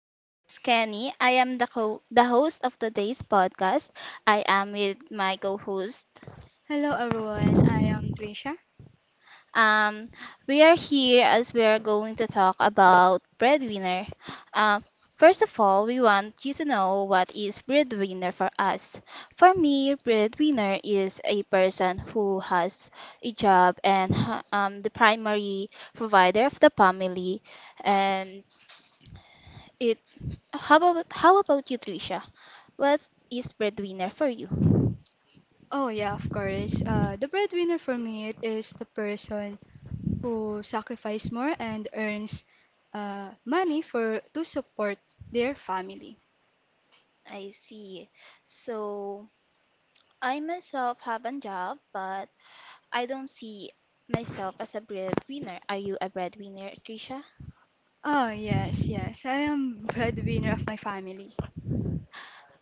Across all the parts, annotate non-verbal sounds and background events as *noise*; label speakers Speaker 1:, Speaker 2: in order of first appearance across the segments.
Speaker 1: My name is Kenny. I am the host of today's podcast. I am with my co-host.
Speaker 2: Hello everyone, I am Trisha.
Speaker 1: Um, we are here as we are going to talk about breadwinner. Uh, First of all, we want you to know what is breadwinner for us. For me, breadwinner is a person who has a job and the primary provider of the family. And it. How about you, Trisha? What is breadwinner for you?
Speaker 2: Oh yeah, of course. The breadwinner for me it is the person who sacrifices more and earns money for to support their family.
Speaker 1: I see. So I myself have a job, but I don't see myself as a breadwinner. Are you a breadwinner, Trisha?
Speaker 2: Oh yes, yes, I am *laughs* breadwinner of my family.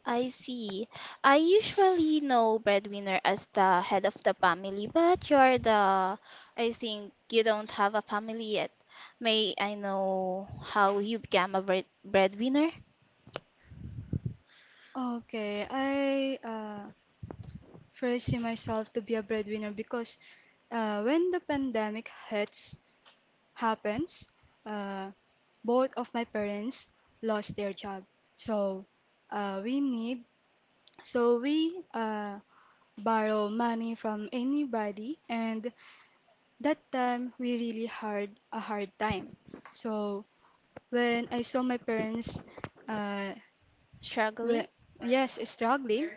Speaker 1: I see. I usually know breadwinner as the head of the family, but I think you don't have a family yet. May I know how you became a breadwinner?
Speaker 2: Okay, I first see myself to be a breadwinner because when the pandemic hits, happens, uh, both of my parents lost their job. So we need, so we borrow money from anybody, and that time we really hard a hard time. So when I saw my parents, uh,
Speaker 1: Struggling?
Speaker 2: when, yes, struggling,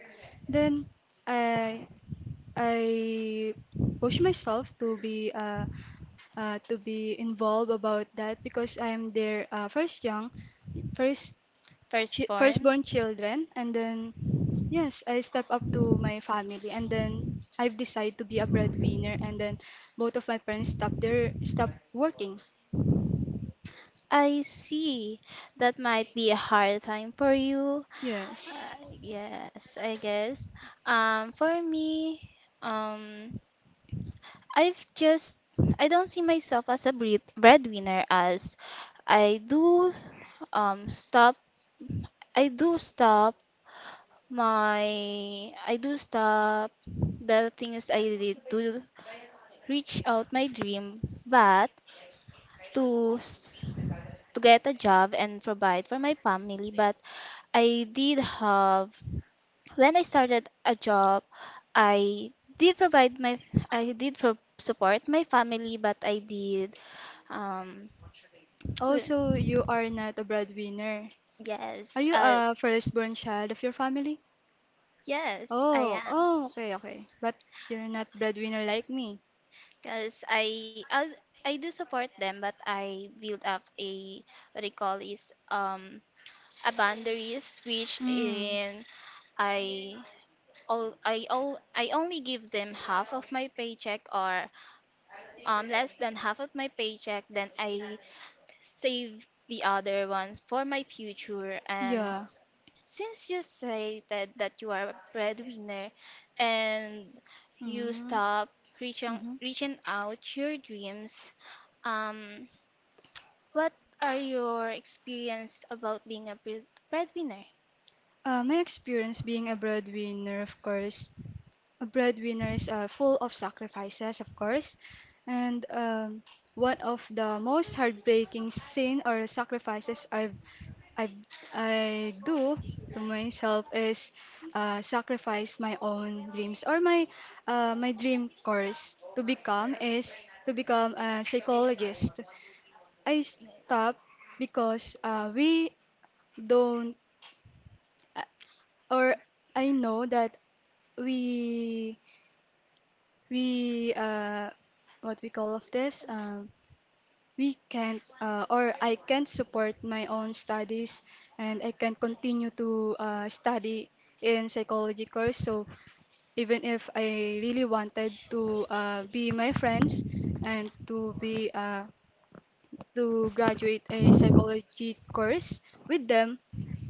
Speaker 2: then I I push myself to be a. To be involved about that because I am their first
Speaker 1: Firstborn?
Speaker 2: firstborn children, and then yes, I step up to my family, and then I've decided to be a breadwinner, and then both of my parents stop working.
Speaker 1: I see. That might be a hard time for you.
Speaker 2: Yes.
Speaker 1: Yes, I guess. For me, um, I've just I don't see myself as a breadwinner as I do stop I do stop my I do stop the things I did to reach out my dream, but to s- to get a job and provide for my family, but I did have when I started a job, I did provide my support my family, but I did um
Speaker 2: Also,
Speaker 1: *tsk*
Speaker 2: you are not a breadwinner. Are
Speaker 1: yes
Speaker 2: you a firstborn child of your family?
Speaker 1: yes I
Speaker 2: Oh,
Speaker 1: am
Speaker 2: oh, okay, okay. But you're not breadwinner like me.
Speaker 1: because I do support them, but I build up a what I call is a boundaries which
Speaker 2: Hmm.
Speaker 1: in I I only give them half of my paycheck or less than half of my paycheck, then I save the other ones for my future. And
Speaker 2: Yeah.
Speaker 1: since you stated that you are a breadwinner and you
Speaker 2: Mm,
Speaker 1: stop reaching
Speaker 2: mhm.
Speaker 1: reaching out your dreams, um, what are your experience about being a breadwinner?
Speaker 2: My experience being a breadwinner, of course, a breadwinner is full of sacrifices, of course, and one of the most heartbreaking sin or sacrifices I've I do to myself is sacrifice my own dreams or my dream course to become is to become a psychologist. I stopped because we don't or I know that we we what we call of this we can't or I can't support my own studies and I can not continue to study in psychology course, so even if I really wanted to be my friends and to be to graduate a psychology course with them,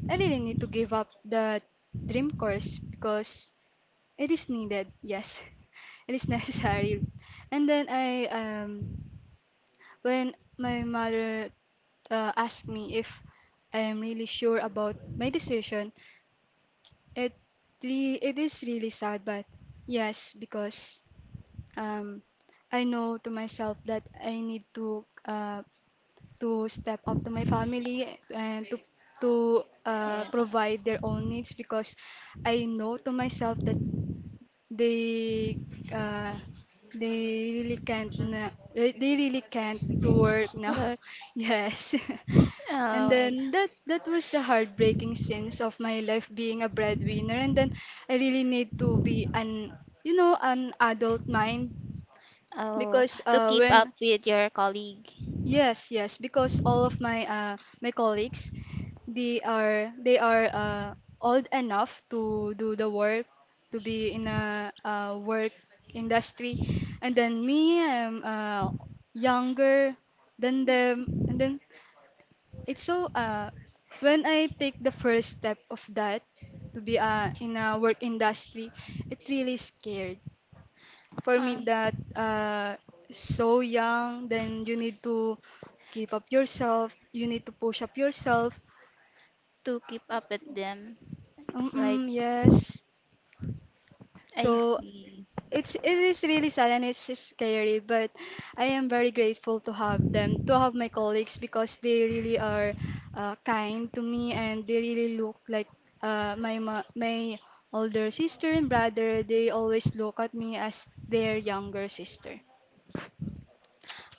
Speaker 2: I really need to give up the dream course because it is needed, yes. *laughs* It is necessary. And then I when my mother asked me if I am really sure about my decision, it it is really sad, but yes, because um I know to myself that I need to step up to my family and to
Speaker 1: Yeah.
Speaker 2: provide their own needs because I know to myself they uh they really can't na- they really can't to work now.
Speaker 1: Work.
Speaker 2: *laughs* Yes.
Speaker 1: Oh,
Speaker 2: *laughs* And
Speaker 1: I,
Speaker 2: then that was the heartbreaking scenes of my life being a breadwinner, and then I really need to be an an adult mind
Speaker 1: oh,
Speaker 2: because
Speaker 1: to keep up
Speaker 2: when
Speaker 1: with your colleague.
Speaker 2: Yes, yes, because all of my my colleagues, they are old enough to do the work, to be in a work industry, and then me, I'm younger than them, and then it's so when I take the first step of that to be in a work industry, it really scared for me
Speaker 1: Um,
Speaker 2: that so young, then you need to keep up yourself. You need to push up yourself.
Speaker 1: to keep up with them.
Speaker 2: Mm-mm,
Speaker 1: Like,
Speaker 2: yes.
Speaker 1: I
Speaker 2: So
Speaker 1: see.
Speaker 2: it is really sad and it's scary, but I am very grateful to have them, to have my colleagues, because they really are kind to me and they really look like my older sister and brother. They always look at me as their younger sister.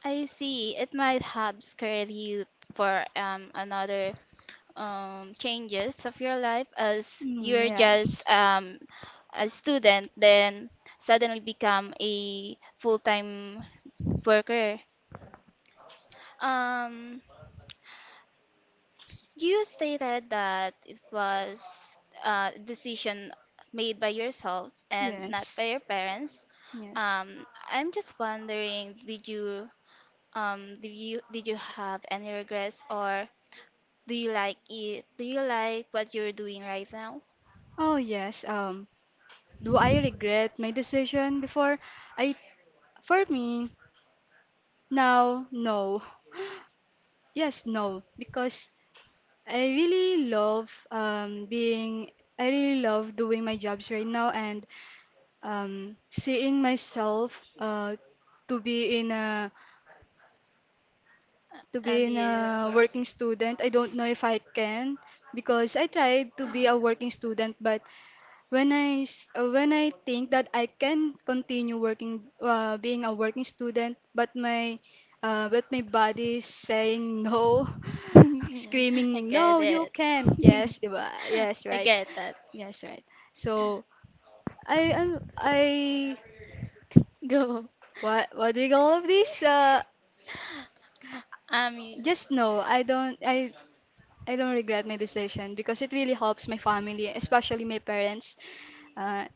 Speaker 1: I see. It might have scared you for another changes of your life as
Speaker 2: Mm,
Speaker 1: you're just
Speaker 2: yes,
Speaker 1: a student, then suddenly become a full-time worker. Um, you stated that it was a decision made by yourself and not
Speaker 2: yes.
Speaker 1: by your parents.
Speaker 2: Yes.
Speaker 1: I'm just wondering, did you have any regrets or do you like it? Do you like what you're doing right now?
Speaker 2: Oh yes. Do I regret my decision before? I For me now, no. Yes, no, because I really love I really love doing my jobs right now, and seeing myself to be in a
Speaker 1: Uh, And do you,
Speaker 2: working student. I don't know if I can, because I tried to be a working student, but when I think that I can continue working, being a working student, but my body is saying no, *laughs*
Speaker 1: *laughs* I
Speaker 2: screaming
Speaker 1: get
Speaker 2: no, you
Speaker 1: it.
Speaker 2: can't. Yes, di ba? Yes,
Speaker 1: *laughs* I
Speaker 2: right.
Speaker 1: get that.
Speaker 2: Yes, right. So I I, I
Speaker 1: Go.
Speaker 2: what do you call of this?
Speaker 1: Um, y-
Speaker 2: Just no. I don't regret my decision because it really helps my family, especially my parents. Uh,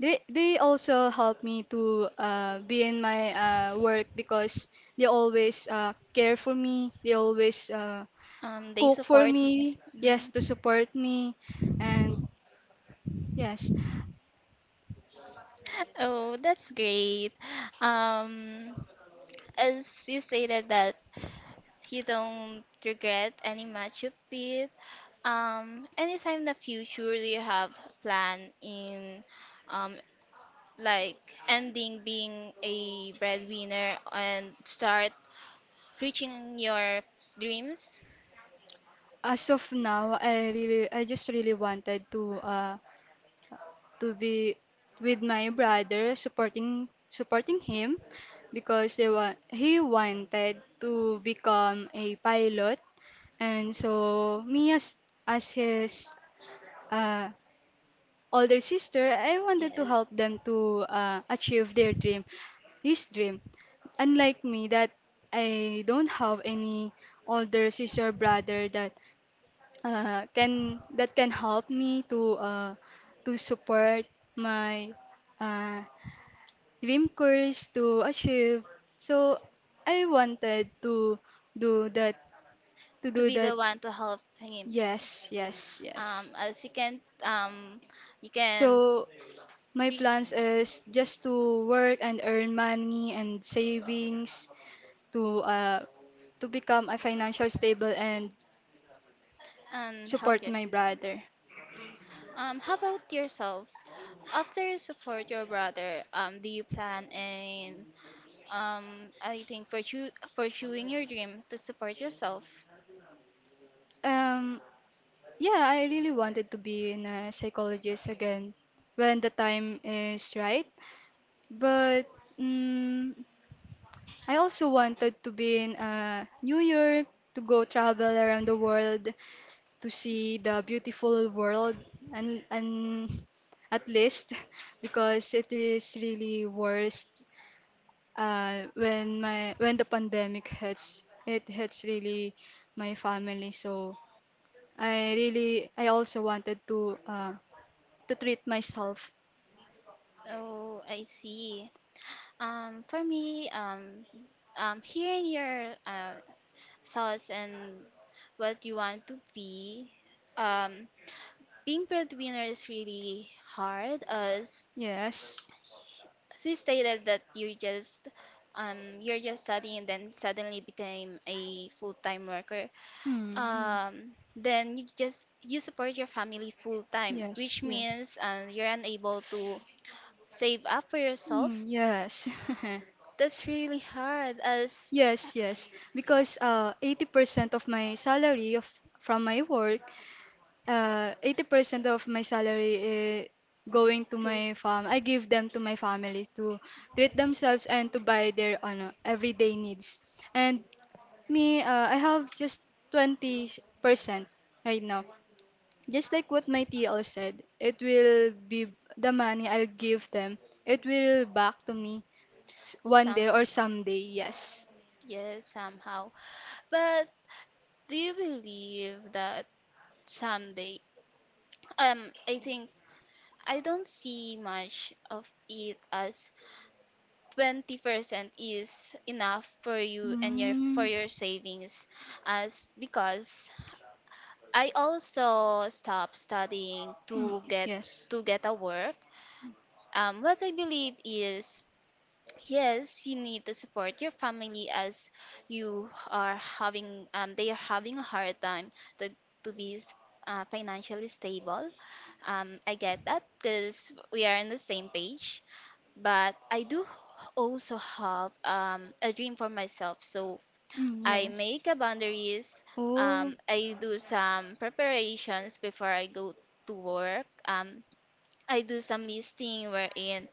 Speaker 2: they also help me to be in my work because they always care for me. They always
Speaker 1: They
Speaker 2: cook for
Speaker 1: support you.
Speaker 2: me. Yes,
Speaker 1: Mm.
Speaker 2: to support me, and yes,
Speaker 1: Oh, that's great. Um, as you stated that you don't regret any match you've did. Anytime in the future, do you have plan in um like ending being a breadwinner and start reaching your dreams?
Speaker 2: as of now, I just really wanted to to be with my brother, supporting him because they want he wanted to become a pilot, and so me as his uh older sister, I wanted to help
Speaker 1: Yes.
Speaker 2: them to achieve their dream, his dream. Unlike me, that I don't have any older sister or brother that can help me to to support my uh, dream course to achieve. So I wanted do that to
Speaker 1: To
Speaker 2: do
Speaker 1: be
Speaker 2: that.
Speaker 1: the one to help him.
Speaker 2: Yes, yes,
Speaker 1: Um,
Speaker 2: yes.
Speaker 1: as you can, um, you can
Speaker 2: So my
Speaker 1: treat
Speaker 2: plans is just to work and earn money and savings to to become a financial stable and
Speaker 1: and help
Speaker 2: support my
Speaker 1: yourself.
Speaker 2: brother.
Speaker 1: How about yourself? After you support your brother, do you plan in um, I think pursuing your dream to support yourself?
Speaker 2: Um, yeah, I really wanted to be in a psychologist again when the time is right. But mm I also wanted to be in New York, to go travel around the world, to see the beautiful world, and at least *laughs* because it is really worst when the pandemic hits really my family, so I also wanted to to treat myself.
Speaker 1: Oh, I see. Um, for me, um, um, hearing your thoughts and what you want to be, um, being breadwinner is really hard as
Speaker 2: Yes.
Speaker 1: she stated that you just you're just studying and then suddenly became a full-time worker.
Speaker 2: Hmm, hmm.
Speaker 1: Then you support your family full-time,
Speaker 2: Yes,
Speaker 1: which means
Speaker 2: yes.
Speaker 1: you're unable to save up for
Speaker 2: Hmm,
Speaker 1: yourself.
Speaker 2: yes. *laughs*
Speaker 1: That's really hard as
Speaker 2: Yes, yes, because 80% of my salary of from my work, 80% of my salary going to my
Speaker 1: because
Speaker 2: fam. I give them to my family to treat themselves and to buy their ano, everyday needs. And me, I have just 20% right now. Just like what my TL said, it will be the money I'll give them. It will back to me one
Speaker 1: some.
Speaker 2: day or someday. Yes.
Speaker 1: Yes, somehow. But do you believe that someday. I think I don't see much of it as 20% is enough for you and your for
Speaker 2: Mm,
Speaker 1: your savings, as because I also stopped studying
Speaker 2: mm, yes.
Speaker 1: to get a work. What I believe is, yes, you need to support your family as you are having they are having a hard time to be financially stable. I get that because we are on the same page. But I do also have a dream for myself, so
Speaker 2: Mm,
Speaker 1: I
Speaker 2: yes.
Speaker 1: make a boundaries.
Speaker 2: Oh.
Speaker 1: I do some preparations before I go to work. I do some listing wherein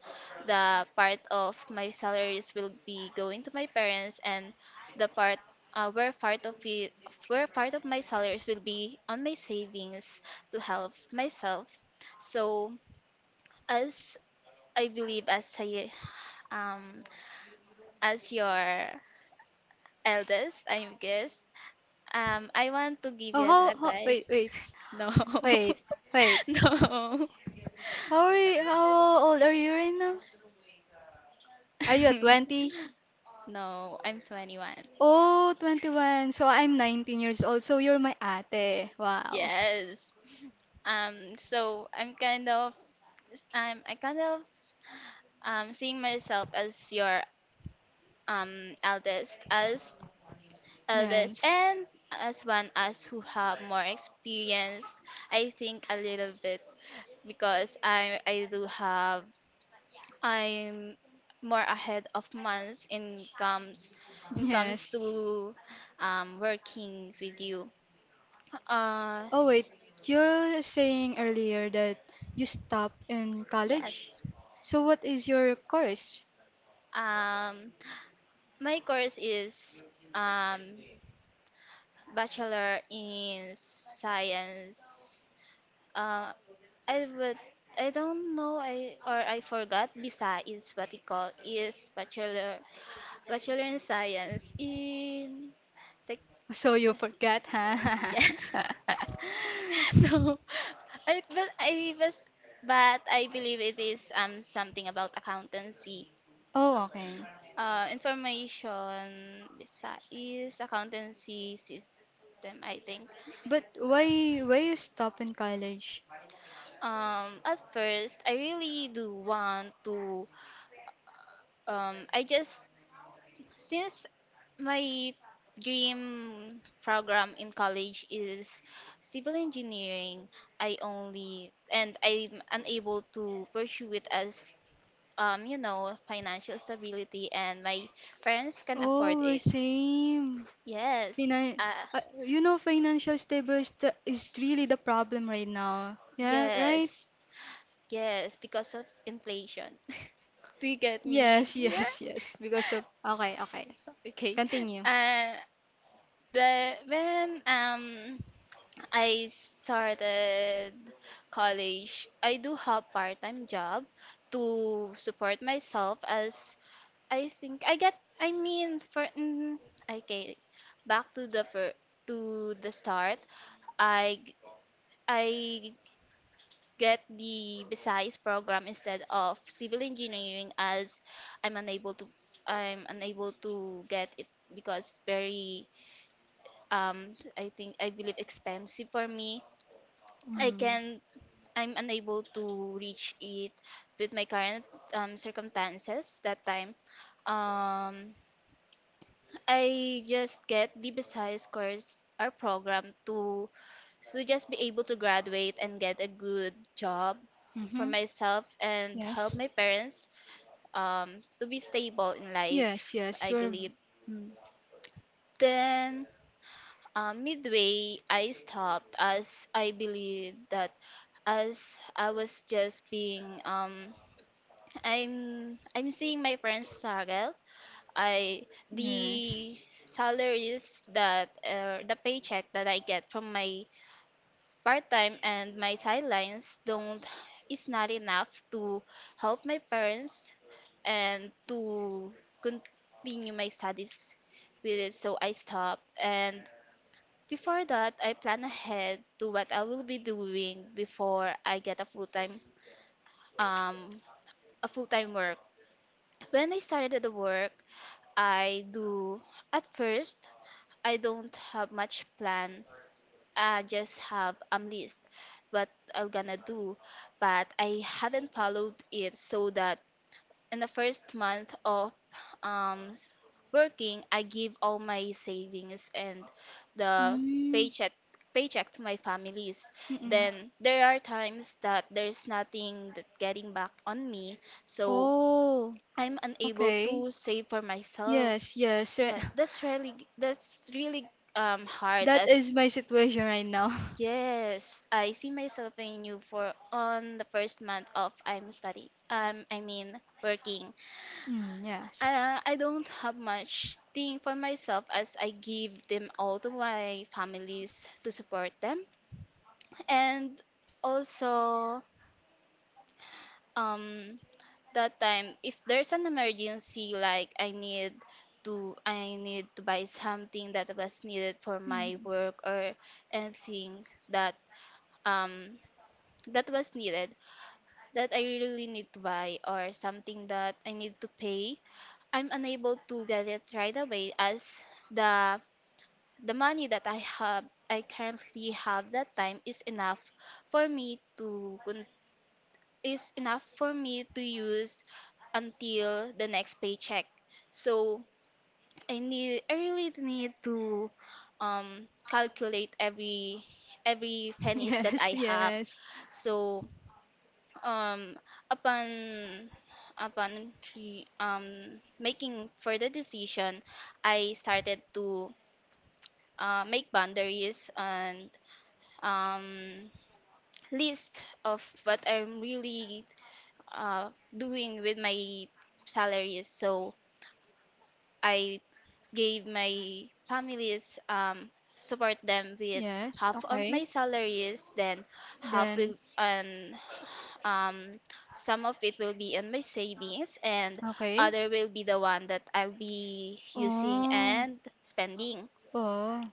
Speaker 1: the part of my salaries will be going to my parents, and the part where part of it where part of my salaries will be on my savings to help myself. So as I believe as I um as your eldest, I guess, I want to give
Speaker 2: Oh,
Speaker 1: you an
Speaker 2: how,
Speaker 1: advice.
Speaker 2: wait, wait,
Speaker 1: *laughs* No.
Speaker 2: wait,
Speaker 1: *laughs*
Speaker 2: wait.
Speaker 1: No.
Speaker 2: How old are you right now? Are you at 20?
Speaker 1: *laughs* No, I'm 21.
Speaker 2: Oh, 21. So I'm 19 years old. So you're my ate. Wow.
Speaker 1: Yes. Um, so I'm kind of I'm I kind of seeing myself as your um eldest as eldest
Speaker 2: Yes.
Speaker 1: and as one as who have more experience, I think a little bit, because I do have I'm more ahead of months in comes
Speaker 2: Yes.
Speaker 1: to working with you. Uh,
Speaker 2: Oh, wait. You're saying earlier that you stopped in college?
Speaker 1: yes.
Speaker 2: So what is your course?
Speaker 1: Um my course is um bachelor in science. Uh, I would I don't know I or I forgot BISA is what it called is bachelor in science in tech.
Speaker 2: So you forget,
Speaker 1: *laughs*
Speaker 2: huh?
Speaker 1: Yeah,
Speaker 2: *laughs*
Speaker 1: no, I but I was but I believe it is something about accountancy.
Speaker 2: Oh, okay.
Speaker 1: Information. BISA is accountancy system, I think.
Speaker 2: But why you stop in college?
Speaker 1: At first I really do want to I just since my dream program in college is civil engineering, I only and I'm unable to pursue it as you know financial stability and my parents can afford
Speaker 2: Oh, we're
Speaker 1: it.
Speaker 2: same.
Speaker 1: Yes.
Speaker 2: Finan
Speaker 1: Uh,
Speaker 2: uh, financial stable is is really the problem right now. Yeah, right?
Speaker 1: yes. Yes, because of inflation. *laughs* Do you get me?
Speaker 2: Yes, *laughs*
Speaker 1: Yeah.
Speaker 2: yes,
Speaker 1: *laughs*
Speaker 2: yes. Because of Okay, okay.
Speaker 1: Okay.
Speaker 2: Continue.
Speaker 1: Uh the when I started college. I do have part-time job to support myself as I think I get I mean for mm, okay back to the fir- to the start. I g- I get the Visayas program instead of civil engineering as I'm unable to I'm unable to get it because very I believe expensive for me. I
Speaker 2: Mm.
Speaker 1: can I'm unable to reach it with my current circumstances that time. Um, I just get the Visayas course or program to just be able to graduate and get a good job for
Speaker 2: Mm-hmm.
Speaker 1: myself and help
Speaker 2: Yes.
Speaker 1: my parents to be stable in
Speaker 2: Yes,
Speaker 1: life,
Speaker 2: yes.
Speaker 1: I believe.
Speaker 2: Mm,
Speaker 1: Then, midway, I stopped, as I believe that as I was just being I'm seeing my friends struggle. I the
Speaker 2: yes.
Speaker 1: salaries that the paycheck that I get from my part-time and my sidelines don't is not enough to help my parents and to continue my studies with it. So I stop, and before that I plan ahead to what I will be doing before I get um a full-time work. When I started the work, I do. At first, I don't have much plan. I just have a list what I'm gonna do, but I haven't followed it, so that in the first month of um s- working, I give all my savings and the
Speaker 2: Mm.
Speaker 1: paycheck paycheck to my families.
Speaker 2: Mm-mm.
Speaker 1: Then there are times that there's nothing that getting back on me, so
Speaker 2: Oh,
Speaker 1: I'm unable
Speaker 2: okay.
Speaker 1: to save for myself.
Speaker 2: Yes, yes, right.
Speaker 1: Yeah,
Speaker 2: *laughs*
Speaker 1: that's really hard,
Speaker 2: That is
Speaker 1: as
Speaker 2: my situation right now. *laughs*
Speaker 1: yes, I see myself in you for on the first month of I'm study. I mean working.
Speaker 2: Mm, yes.
Speaker 1: I don't have much thing for myself as I give them all to my families to support them, and also um that time if there's an emergency, like I need to I need to buy something that was needed for my
Speaker 2: Mhm.
Speaker 1: work or anything that um that was needed, that I really need to buy, or something that I need to pay, I'm unable to get it right away as the the money that I currently have that time is enough for me to use until the next paycheck. So I really need to calculate every
Speaker 2: *laughs*
Speaker 1: pennies that
Speaker 2: Yes,
Speaker 1: I have.
Speaker 2: yes,
Speaker 1: So um upon upon making further decision, I started to make boundaries and um list of what I'm really uh, doing with my salaries. So I gave my families support them with
Speaker 2: yes.
Speaker 1: half of my
Speaker 2: Okay.
Speaker 1: salaries, then half
Speaker 2: Then,
Speaker 1: will and um, some of it will be on my savings, and
Speaker 2: okay.
Speaker 1: other will be the one that I'll be using
Speaker 2: Oh,
Speaker 1: and spending.
Speaker 2: oh,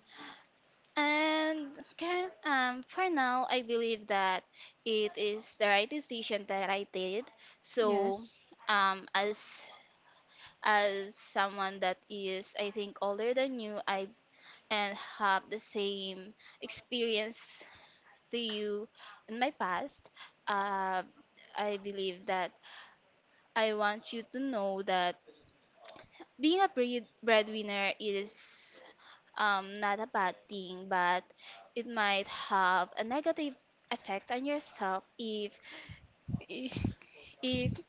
Speaker 1: And for now, I believe that it is the right decision that I did. So,
Speaker 2: yes,
Speaker 1: um, as as someone that is I think older than you, I and have the same experience to you in my past, uh, I believe that I want you to know that being a breadwinner is, not a bad thing, but it might have a negative effect on yourself if *laughs* if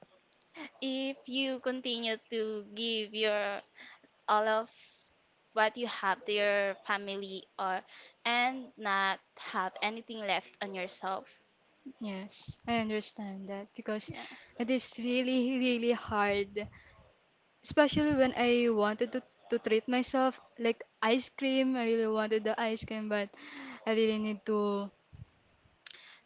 Speaker 1: if you continue to give your all of what you have to your family, or and not have anything left on yourself.
Speaker 2: yes. I understand that because
Speaker 1: Yeah.
Speaker 2: it is really, really hard, especially when I wanted to, treat myself like ice cream. I really wanted the ice cream, but I really need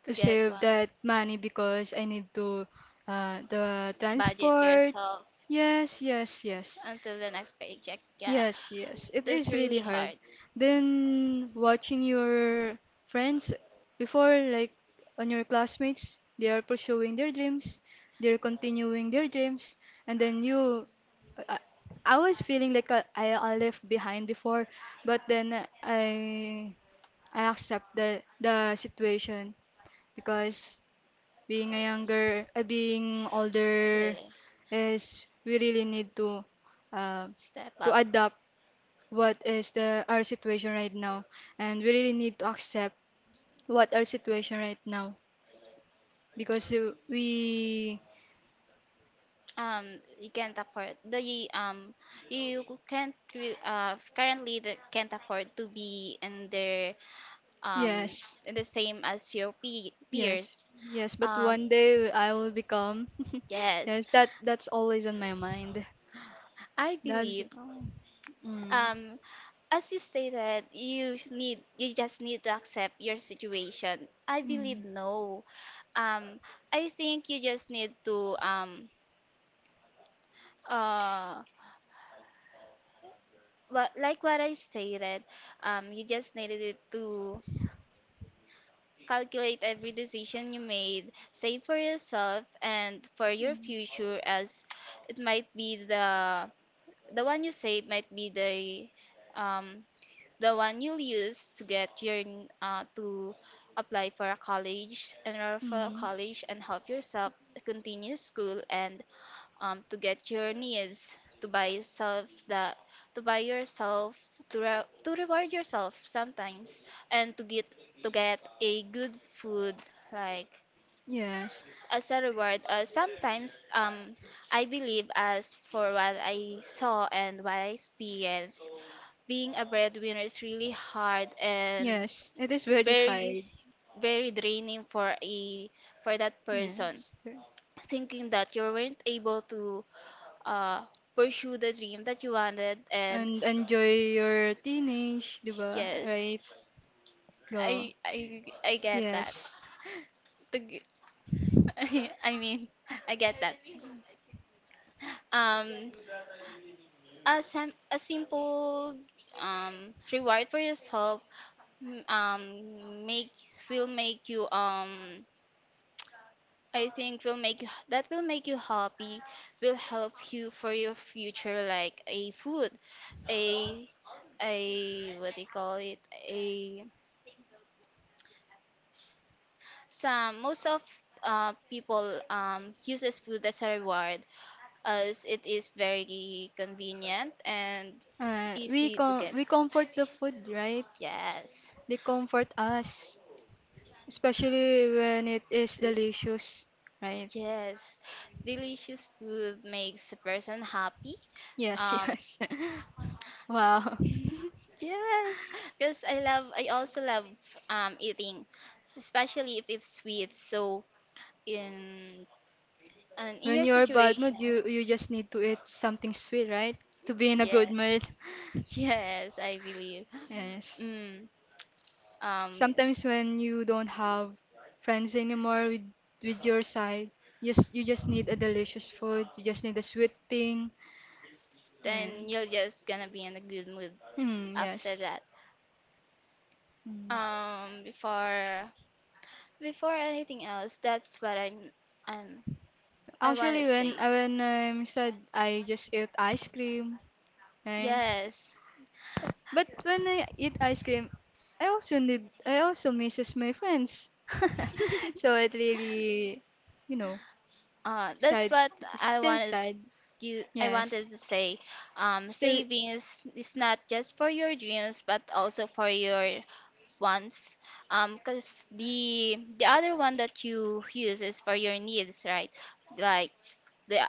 Speaker 1: To
Speaker 2: to
Speaker 1: get one.
Speaker 2: save that money because I need to the
Speaker 1: Budget
Speaker 2: transport.
Speaker 1: yourself
Speaker 2: Yes, yes, yes.
Speaker 1: until the next paycheck. Yeah.
Speaker 2: Yes, yes, it
Speaker 1: That's
Speaker 2: is really
Speaker 1: really
Speaker 2: hard.
Speaker 1: hard.
Speaker 2: Then watching your friends before, like on your classmates, they are pursuing their dreams, they're continuing their dreams, and then you, I, I was feeling like I left behind before, but then I accept the situation because being being older
Speaker 1: The
Speaker 2: is we really need to uh,
Speaker 1: step
Speaker 2: to
Speaker 1: up.
Speaker 2: adapt what is the our situation right now, and we really need to accept what our situation right now, because we.
Speaker 1: um you can't afford the um you can't re- currently can't afford to be in their um,
Speaker 2: Yes,
Speaker 1: the same as your
Speaker 2: yes,
Speaker 1: peers.
Speaker 2: yes, but
Speaker 1: Um,
Speaker 2: one day I will become. *laughs*
Speaker 1: yes,
Speaker 2: Yes, that's always on my mind.
Speaker 1: I
Speaker 2: That's
Speaker 1: believe.
Speaker 2: mm, mm,
Speaker 1: Um, as you stated, you just need to accept your situation, I believe.
Speaker 2: mm,
Speaker 1: No. Um, I think you just need to uh what, like what I stated. You just needed to calculate every decision you made, save for yourself and for your future, as it might be the one you save might be the um one you'll use to apply for a college, enroll for a
Speaker 2: mm,
Speaker 1: college, and help yourself continue school, and to get your needs, to buy yourself the to buy yourself, to reward yourself sometimes, and to get a good food, like,
Speaker 2: Yes.
Speaker 1: as a reward sometimes. I believe, as for what I saw and what I experienced, being a breadwinner is really hard, and
Speaker 2: Yes, it is very
Speaker 1: very,
Speaker 2: hard.
Speaker 1: very draining for a for that person,
Speaker 2: Yes.
Speaker 1: thinking that you weren't able to uh pursue the dream that you wanted. And
Speaker 2: And enjoy your teenage, di ba?
Speaker 1: yes,
Speaker 2: Right? Go.
Speaker 1: I get that. *laughs*
Speaker 2: Yes.
Speaker 1: The *laughs* I mean, I get that. um a a simple, reward for yourself, m- make will make you that will make you happy, will help you for your future, like a food, a a, what do you call it, a, some, most of people, uses food as a reward, as it is very convenient and easy to get.
Speaker 2: We comfort the food, right?
Speaker 1: Yes.
Speaker 2: They comfort us, especially when it is
Speaker 1: Th-
Speaker 2: delicious, right?
Speaker 1: Yes, delicious food makes a person happy.
Speaker 2: Yes,
Speaker 1: Um,
Speaker 2: *laughs* yes. Wow.
Speaker 1: *laughs* yes, because I love, I also love eating, especially if it's sweet. So in, and in
Speaker 2: When
Speaker 1: your
Speaker 2: you're bad
Speaker 1: situation,
Speaker 2: mood, you just need to eat something sweet, right? To be in a good
Speaker 1: yes,
Speaker 2: mood.
Speaker 1: *laughs* yes, I believe.
Speaker 2: Yes.
Speaker 1: Mm, um,
Speaker 2: Sometimes when you don't have friends anymore with your side, you just need a delicious food. You just need a sweet thing. Yeah.
Speaker 1: then you're just gonna be in a good mood
Speaker 2: Mm,
Speaker 1: after
Speaker 2: yes.
Speaker 1: that.
Speaker 2: Mm.
Speaker 1: Um, before Before anything else, that's what I'm I want
Speaker 2: Actually,
Speaker 1: to
Speaker 2: when
Speaker 1: say.
Speaker 2: I when I'm sad, I just eat ice cream, right?
Speaker 1: Yes.
Speaker 2: But when I eat ice cream, I also misses my friends. *laughs* So it
Speaker 1: *laughs*
Speaker 2: really, you know,
Speaker 1: That's
Speaker 2: sad,
Speaker 1: what I
Speaker 2: still
Speaker 1: wanted
Speaker 2: sad.
Speaker 1: I
Speaker 2: Yes,
Speaker 1: wanted to say.
Speaker 2: still.
Speaker 1: Savings is not just for your dreams but also for your wants. 'Cause the other one that you use is for your needs, right? Like the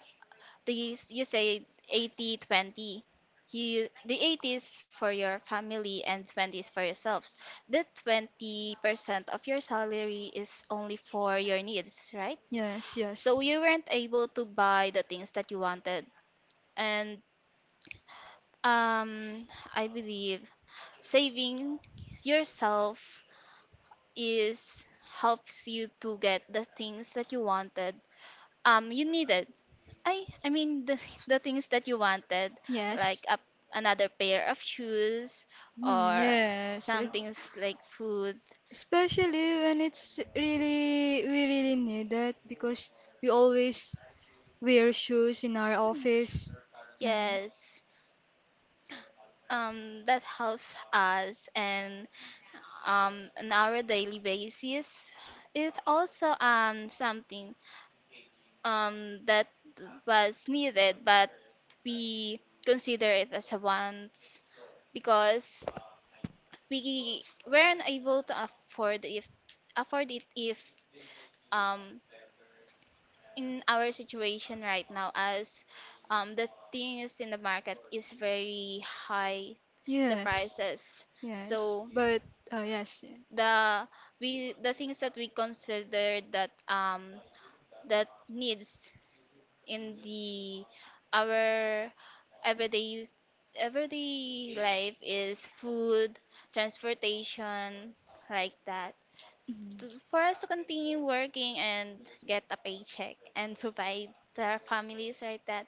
Speaker 1: the you say 80-20. You, the 80 is for your family and 20 is for yourselves, the 20% of your salary is only for your needs, right?
Speaker 2: Yes, yes,
Speaker 1: So you weren't able to buy the things that you wanted, and um I believe saving yourself is, helps you to get the things that you wanted, you needed I mean the *laughs* the things that you wanted, like
Speaker 2: yes.
Speaker 1: a, another pair of shoes,
Speaker 2: Hmm,
Speaker 1: or
Speaker 2: yes.
Speaker 1: some things like food.
Speaker 2: Especially when we really need that because we always wear shoes in our office. And
Speaker 1: Yes. That helps us, and on our daily basis, is also something that was needed, but we consider it as a want, because we weren't able to afford if afford it if, um in our situation right now, as, the things in the market is very high, the
Speaker 2: yes,
Speaker 1: prices.
Speaker 2: yes,
Speaker 1: So
Speaker 2: but yes, yeah.
Speaker 1: the, we, the things that we consider that that needs in the our everyday everyday life is food, transportation, like that,
Speaker 2: Mhm.
Speaker 1: to, for us to continue working and get a paycheck and provide to our families, like that.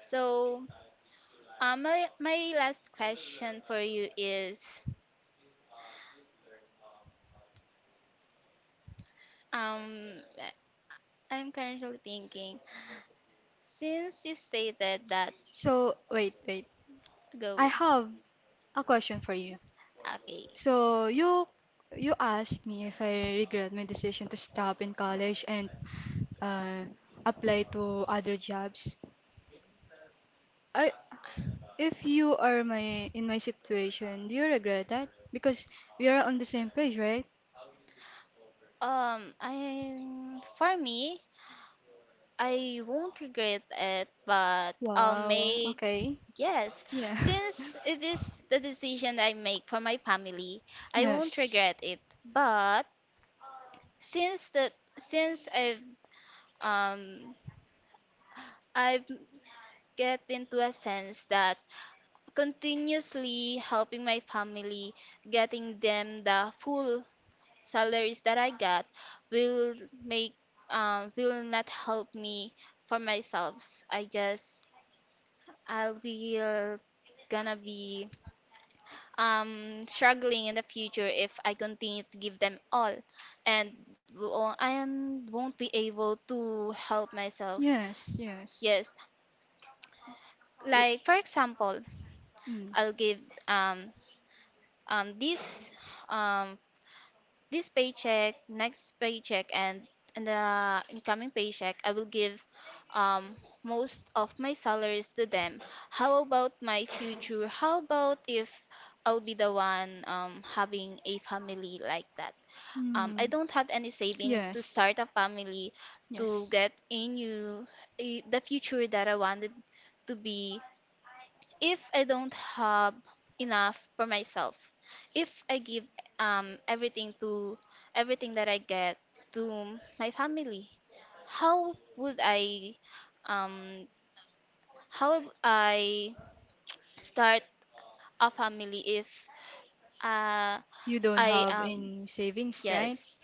Speaker 1: So, my last question for you is, um, I'm currently thinking, since you stated that.
Speaker 2: So wait, wait. I
Speaker 1: Go.
Speaker 2: have a question for you.
Speaker 1: Okay.
Speaker 2: So you asked me if I regret my decision to stop in college and uh, apply to other jobs. Are If you are my in my situation, do you regret that? Because we are on the same page, right?
Speaker 1: For me, I won't regret it, but I'll
Speaker 2: Wow.
Speaker 1: make,
Speaker 2: Okay.
Speaker 1: Yes,
Speaker 2: Yeah.
Speaker 1: since
Speaker 2: *laughs*
Speaker 1: it is the decision I make for my family, I won't
Speaker 2: Yes.
Speaker 1: regret it. But since that, since um, I've get into a sense that continuously helping my family, getting them the full salaries that I got, will make, will not help me for myself. I just, I'll be gonna be struggling in the future if I continue to give them all, and won't be able to help myself.
Speaker 2: Yes. Yes.
Speaker 1: Yes,
Speaker 2: W-
Speaker 1: like for example,
Speaker 2: Mm.
Speaker 1: I'll give um um this um this paycheck, next paycheck, and the incoming paycheck, I will give, um, most of my salaries to them. How about my future? How about if I'll be the one, having a family, like that? I
Speaker 2: Mm.
Speaker 1: don't have any savings to
Speaker 2: Yes.
Speaker 1: start a family, to
Speaker 2: Yes.
Speaker 1: get a new, the future that I wanted to be, if I don't have enough for myself, if I give everything to, everything that I get, to my family, how would I um how would I start a family if uh
Speaker 2: You don't
Speaker 1: I
Speaker 2: have any savings, right?
Speaker 1: yes.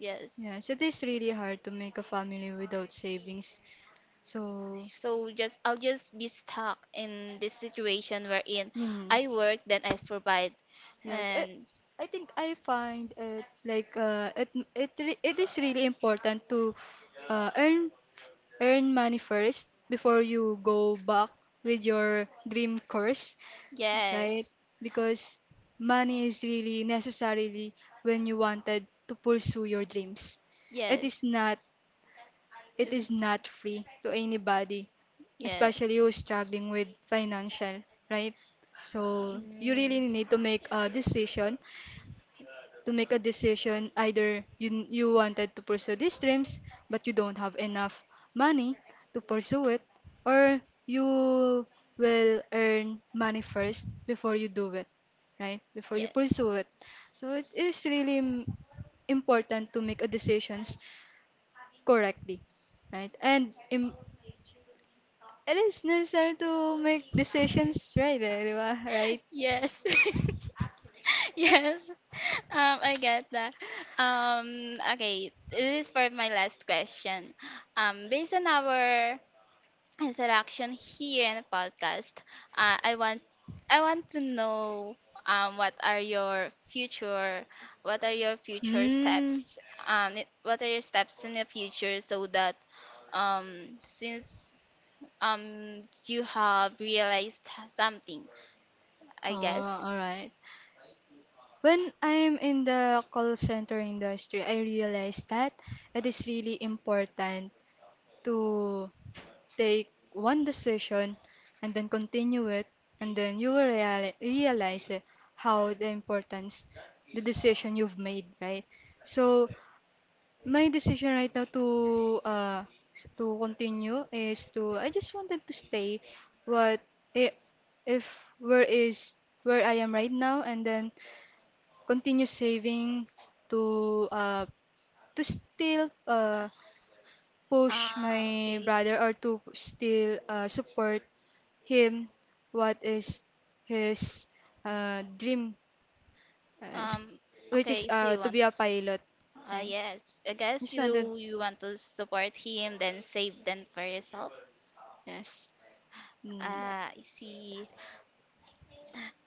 Speaker 1: Yes.
Speaker 2: Yes, it is really hard to make a family without savings. So,
Speaker 1: So just, I'll just be stuck in this situation wherein
Speaker 2: mm,
Speaker 1: I work then I provide,
Speaker 2: yes,
Speaker 1: and
Speaker 2: I think I find it like it is really important to uh, earn earn money first before you go back with your dream course, right?
Speaker 1: yes.
Speaker 2: Because money is really necessarily when you wanted to pursue your dreams. It is
Speaker 1: Yes.
Speaker 2: not It is not free to anybody, especially
Speaker 1: Yes.
Speaker 2: who's struggling with financial, right? So you really
Speaker 1: Mm,
Speaker 2: need to make a decision, either you wanted to pursue these dreams but you don't have enough money to pursue it, or you will earn money first before you do it, right? Before you
Speaker 1: yes.
Speaker 2: pursue it. So it is really important to make a decisions correctly, right? And it is necessary to make decisions right, eh, di ba? Right?
Speaker 1: Yes. *laughs* Yes. I get that. Okay, this is for my last question. Based on our interaction here in the podcast, uh, I want I want to know um what are your future what are your future
Speaker 2: Mm.
Speaker 1: steps? What are your steps in the future so that since um you have realized something,
Speaker 2: Oh,
Speaker 1: I guess.
Speaker 2: all right. When I'm in the call center industry, I realized that it is really important to take one decision and then continue it, and then you will realize, eh, how the importance the decision you've made, right? So my decision right now to continue is to I just wanted to stay what I- if where is where I am right now, and then continue saving to uh to still push
Speaker 1: Ah,
Speaker 2: my
Speaker 1: okay.
Speaker 2: brother or to still support him what is his dream, uh, s-
Speaker 1: Um,
Speaker 2: which is
Speaker 1: okay, so you
Speaker 2: to
Speaker 1: want,
Speaker 2: be a pilot. Right,
Speaker 1: yes, I guess
Speaker 2: just wanted.
Speaker 1: you, you want to support him, then save them for yourself.
Speaker 2: Yes. Mm,
Speaker 1: Ah, I see.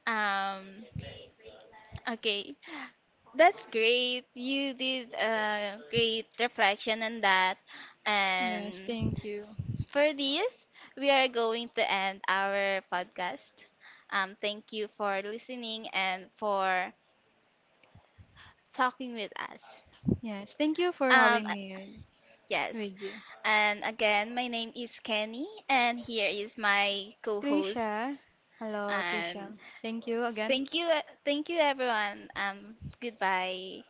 Speaker 1: Um, okay. That's great. You did a great reflection on that.
Speaker 2: yes,
Speaker 1: And
Speaker 2: thank you.
Speaker 1: for this, we are going to end our podcast. Thank you for listening, and for talking with us.
Speaker 2: Yes, thank you for
Speaker 1: Um,
Speaker 2: having me
Speaker 1: Yes.
Speaker 2: with you.
Speaker 1: And again, my name is Kenny, and here is my co-host.
Speaker 2: Trisha. Hello,
Speaker 1: And
Speaker 2: Trisha. Thank you again.
Speaker 1: thank you, thank you, everyone. Goodbye.